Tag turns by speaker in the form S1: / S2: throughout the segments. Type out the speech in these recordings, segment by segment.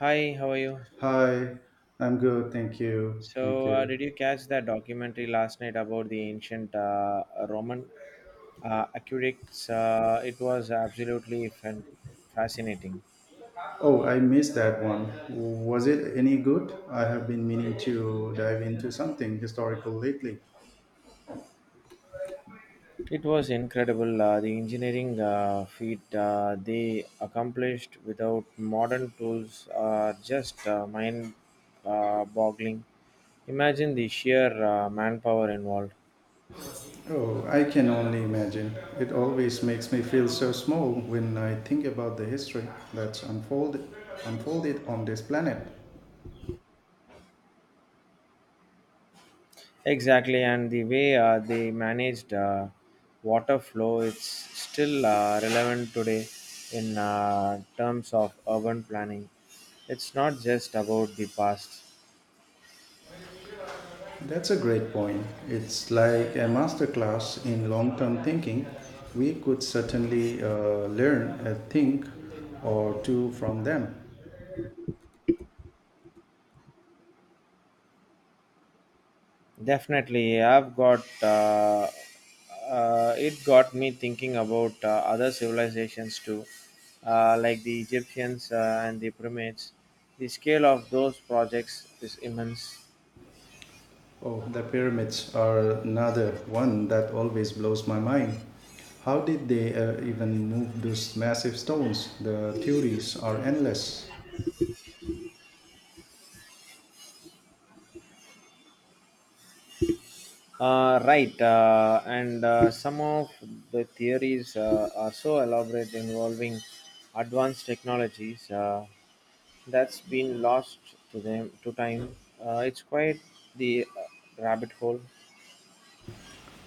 S1: Hi, how are you?
S2: Hi, I'm good. Thank you. Thank
S1: So,
S2: you.
S1: did you catch that documentary last night about the ancient Roman aqueducts? It was absolutely fascinating.
S2: Oh, I missed that one. Was it any good? I have been meaning to dive into something historical lately.
S1: It was incredible, the engineering feat they accomplished without modern tools are just mind boggling. Imagine the sheer manpower involved.
S2: Oh, I can only imagine. It always makes me feel so small when I think about the history that's unfolded on this planet.
S1: Exactly, and the way they managed, water flow, it's still relevant today in terms of urban planning. It's not just about the past.
S2: That's a great point. It's like a masterclass in long-term thinking. We could certainly learn a thing or two from them.
S1: Definitely. I've got It got me thinking about other civilizations too, like the Egyptians and the pyramids. The scale of those projects is immense.
S2: Oh, the pyramids are another one that always blows my mind. How did they even move those massive stones? The theories are endless.
S1: Right, and some of the theories are so elaborate, involving advanced technologies that's been lost to them to time. It's quite the rabbit hole.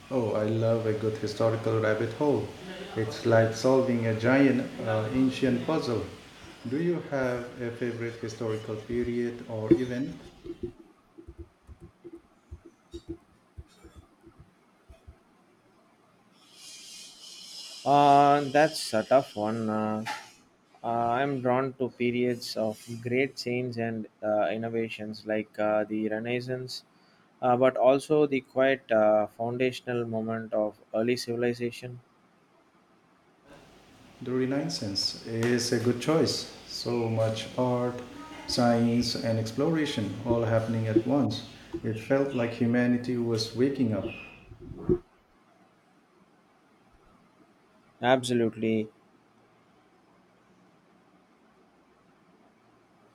S2: Oh, I love a good historical rabbit hole. It's like solving a giant ancient puzzle. Do you have a favorite historical period or event?
S1: That's a tough one. I'm drawn to periods of great change and innovations like the Renaissance, but also the quite foundational moment of early civilization.
S2: The Renaissance is a good choice. So much art, science, and exploration all happening at once. It felt like humanity was waking up.
S1: Absolutely.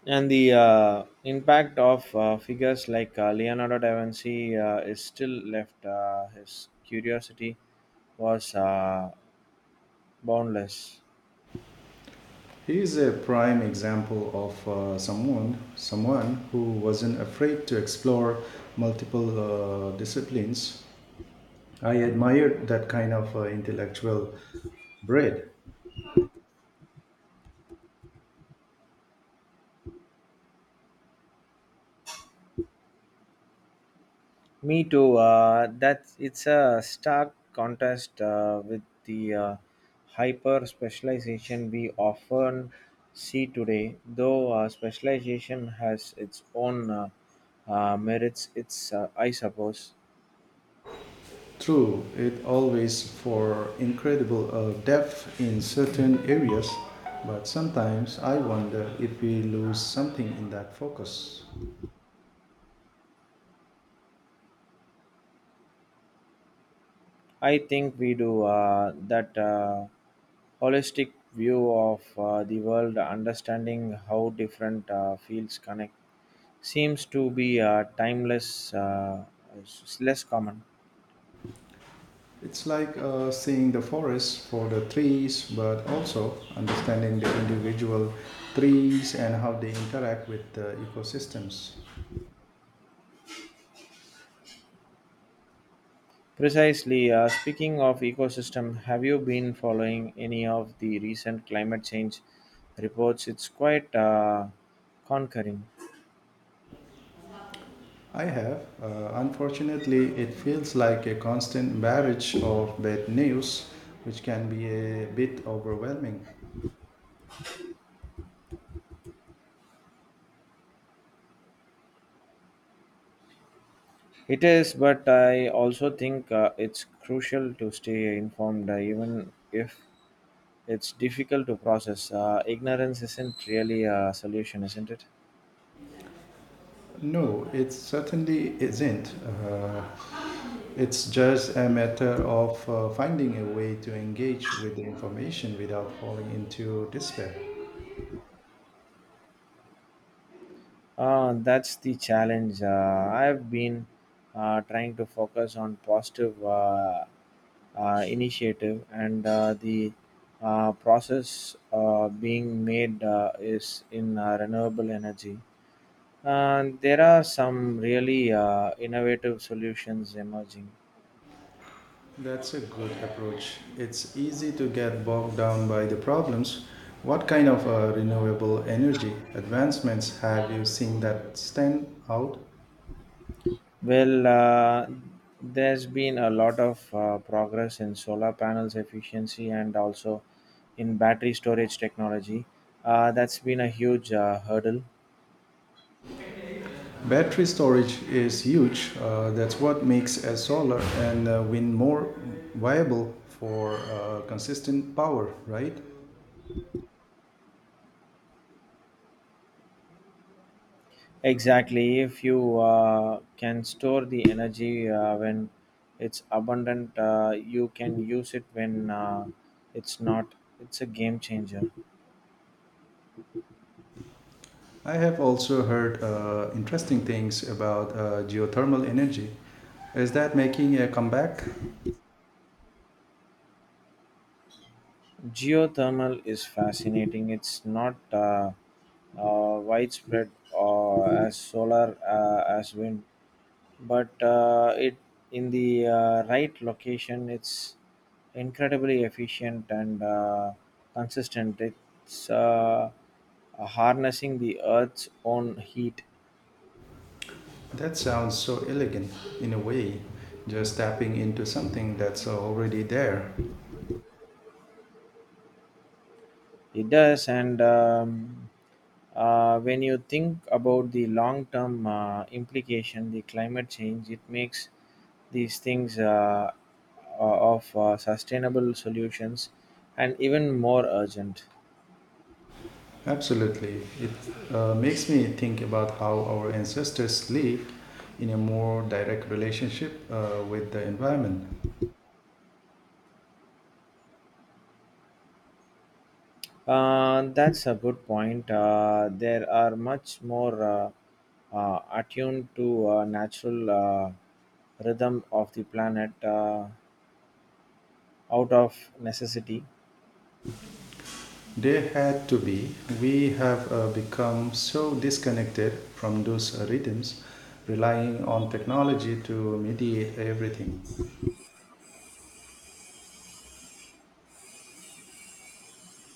S1: And the impact of figures like Leonardo da Vinci is still left. His curiosity was boundless.
S2: He is a prime example of someone who wasn't afraid to explore multiple disciplines. I admired that kind of intellectual breadth.
S1: Me too. That it's a stark contrast with the hyper specialization we often see today. Though specialization has its own merits, it's, I suppose.
S2: True, it always for incredible depth in certain areas, but sometimes I wonder if we lose something in that focus.
S1: I think we do. That Holistic view of the world, understanding how different fields connect, seems to be timeless, less common.
S2: It's like seeing the forest for the trees, but also understanding the individual trees and how they interact with the ecosystems.
S1: Precisely. Speaking of ecosystem, have you been following any of the recent climate change reports? It's quite conquering.
S2: I have. Unfortunately, it feels like a constant barrage of bad news, which can be a bit overwhelming.
S1: It is, but I also think it's crucial to stay informed, even if it's difficult to process. Ignorance isn't really a solution, isn't it?
S2: No, it certainly isn't. It's just a matter of finding a way to engage with the information without falling into despair.
S1: That's the challenge. I've been trying to focus on positive initiative, and the process being made is in renewable energy. And there are some really innovative solutions emerging.
S2: That's a good approach. It's easy to get bogged down by the problems. What kind of renewable energy advancements have you seen that stand out?
S1: Well, there's been a lot of progress in solar panels efficiency and also in battery storage technology. That's been a huge hurdle.
S2: Battery storage is huge. That's what makes a solar and wind more viable for consistent power, right?
S1: Exactly. If you can store the energy when it's abundant, you can use it when it's not. It's a game changer.
S2: I have also heard interesting things about geothermal energy. Is that making a comeback?
S1: Geothermal is fascinating. It's not widespread as solar, as wind, but it in the right location, it's incredibly efficient and consistent. It's harnessing the Earth's own heat.
S2: That sounds so elegant in a way, just tapping into something that's already there.
S1: It does, and when you think about the long-term implication, the climate change, it makes these things, of sustainable solutions, and even more urgent.
S2: Absolutely. It makes me think about how our ancestors lived in a more direct relationship with the environment.
S1: That's a good point. There are much more attuned to natural rhythm of the planet out of necessity.
S2: They had to be. We have become so disconnected from those rhythms, relying on technology to mediate everything.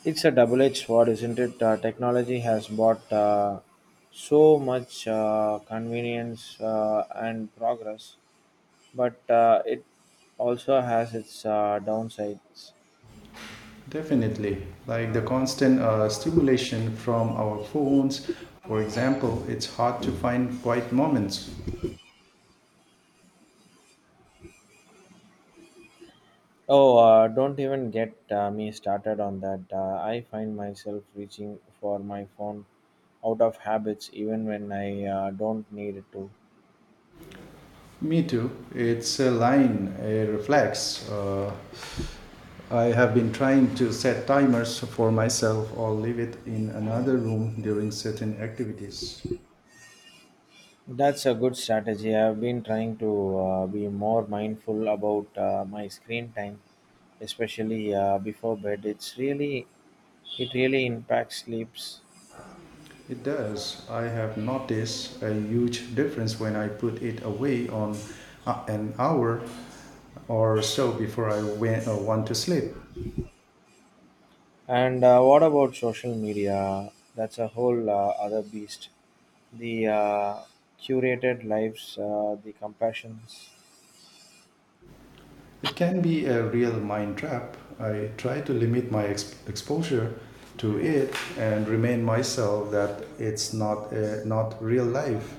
S1: It's a double-edged sword, isn't it? Technology has brought so much convenience and progress, but it also has its downsides.
S2: Definitely. Like the constant stimulation from our phones, for example, it's hard to find quiet moments.
S1: Oh, don't even get me started on that. I find myself reaching for my phone out of habits even when I don't need it to.
S2: Me too. It's a line, a reflex. I have been trying to set timers for myself or leave it in another room during certain activities.
S1: That's a good strategy. I've been trying to be more mindful about my screen time, especially before bed. It really impacts sleeps.
S2: It does. I have noticed a huge difference when I put it away on an hour or so before I went, want to sleep.
S1: And what about social media? That's a whole other beast. The curated lives, the compassions.
S2: It can be a real mind trap. I try to limit my exposure to it and remind myself that it's not real life.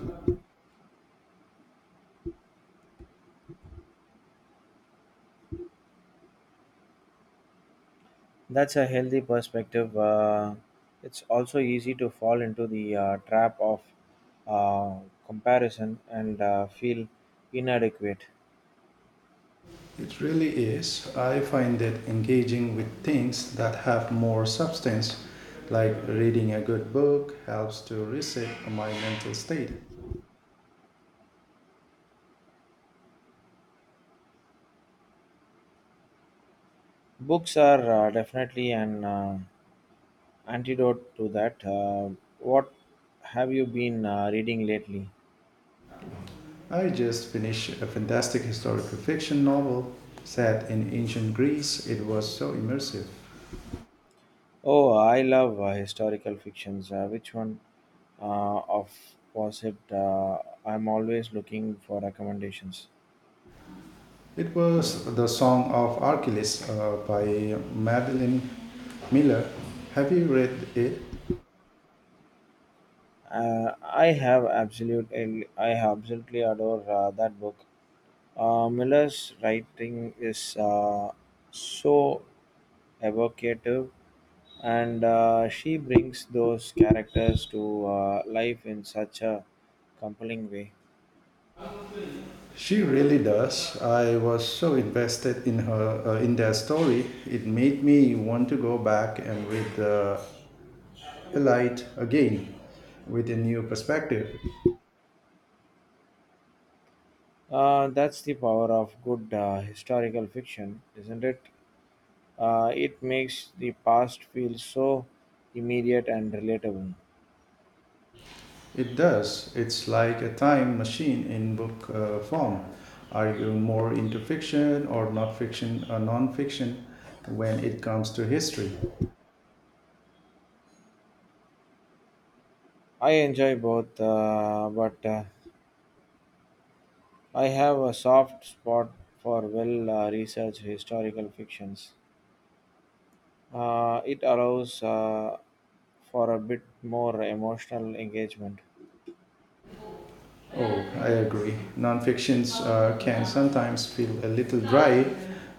S1: That's a healthy perspective. It's also easy to fall into the trap of uh, comparison and feel inadequate.
S2: It really is. I find that engaging with things that have more substance, like reading a good book, helps to reset my mental state.
S1: Books are definitely an antidote to that. What have you been reading lately?
S2: I just finished a fantastic historical fiction novel set in ancient Greece. It was so immersive.
S1: Oh, I love historical fictions. Which one of was it? I'm always looking for recommendations.
S2: It was The Song of Achilles by Madeline Miller. Have you read it?
S1: I absolutely adore that book. Miller's writing is so evocative, and she brings those characters to life in such a compelling way.
S2: She really does. I was so invested in her in their story. It made me want to go back and read the light again with a new perspective.
S1: That's the power of good historical fiction, isn't it? It makes the past feel so immediate and relatable.
S2: It does. It's like a time machine in book form. Are you more into fiction or not fiction or non-fiction when it comes to history?
S1: I enjoy both, but I have a soft spot for well researched historical fictions. It allows for a bit more emotional engagement.
S2: Oh, I agree. Nonfictions can sometimes feel a little dry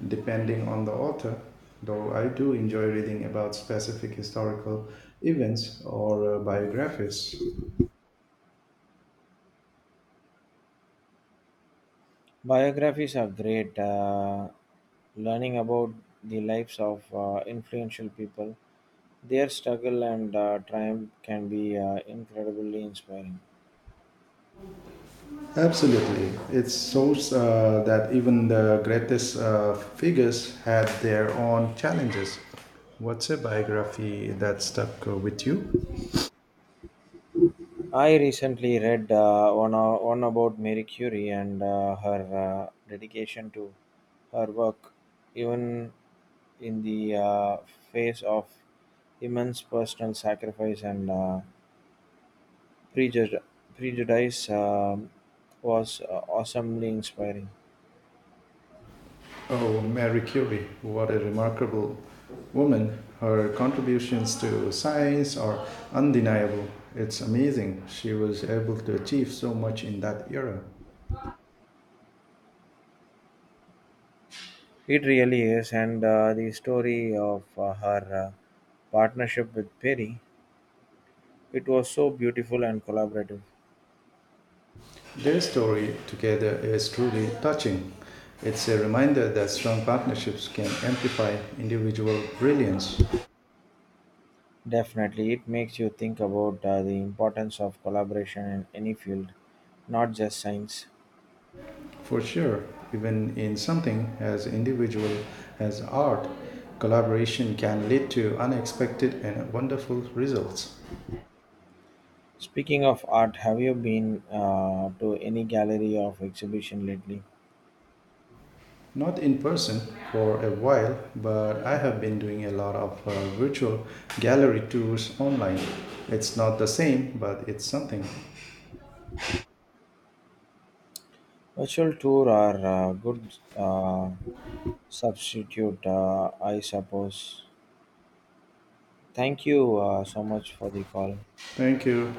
S2: depending on the author, though I do enjoy reading about specific historical events or biographies.
S1: Biographies are great. Learning about the lives of influential people, their struggle and triumph can be incredibly inspiring.
S2: Absolutely. It shows that even the greatest figures had their own challenges. What's a biography that stuck with you?
S1: I recently read one about Marie Curie and her dedication to her work, even in the face of immense personal sacrifice and prejud- prejudice, was awesomely inspiring.
S2: Oh, Marie Curie, what a remarkable woman. Her contributions to science are undeniable. It's amazing she was able to achieve so much in that era.
S1: It really is, and the story of her partnership with Perry, it was so beautiful and collaborative.
S2: Their story together is truly touching. It's a reminder that strong partnerships can amplify individual brilliance.
S1: Definitely, it makes you think about the importance of collaboration in any field, not just science.
S2: For sure, even in something as individual as art, collaboration can lead to unexpected and wonderful results.
S1: Speaking of art, have you been to any gallery of exhibition lately?
S2: Not in person for a while, but I have been doing a lot of virtual gallery tours online. It's not the same, but it's something.
S1: Virtual tour are a good substitute, I suppose. Thank you so much for the call.
S2: Thank you.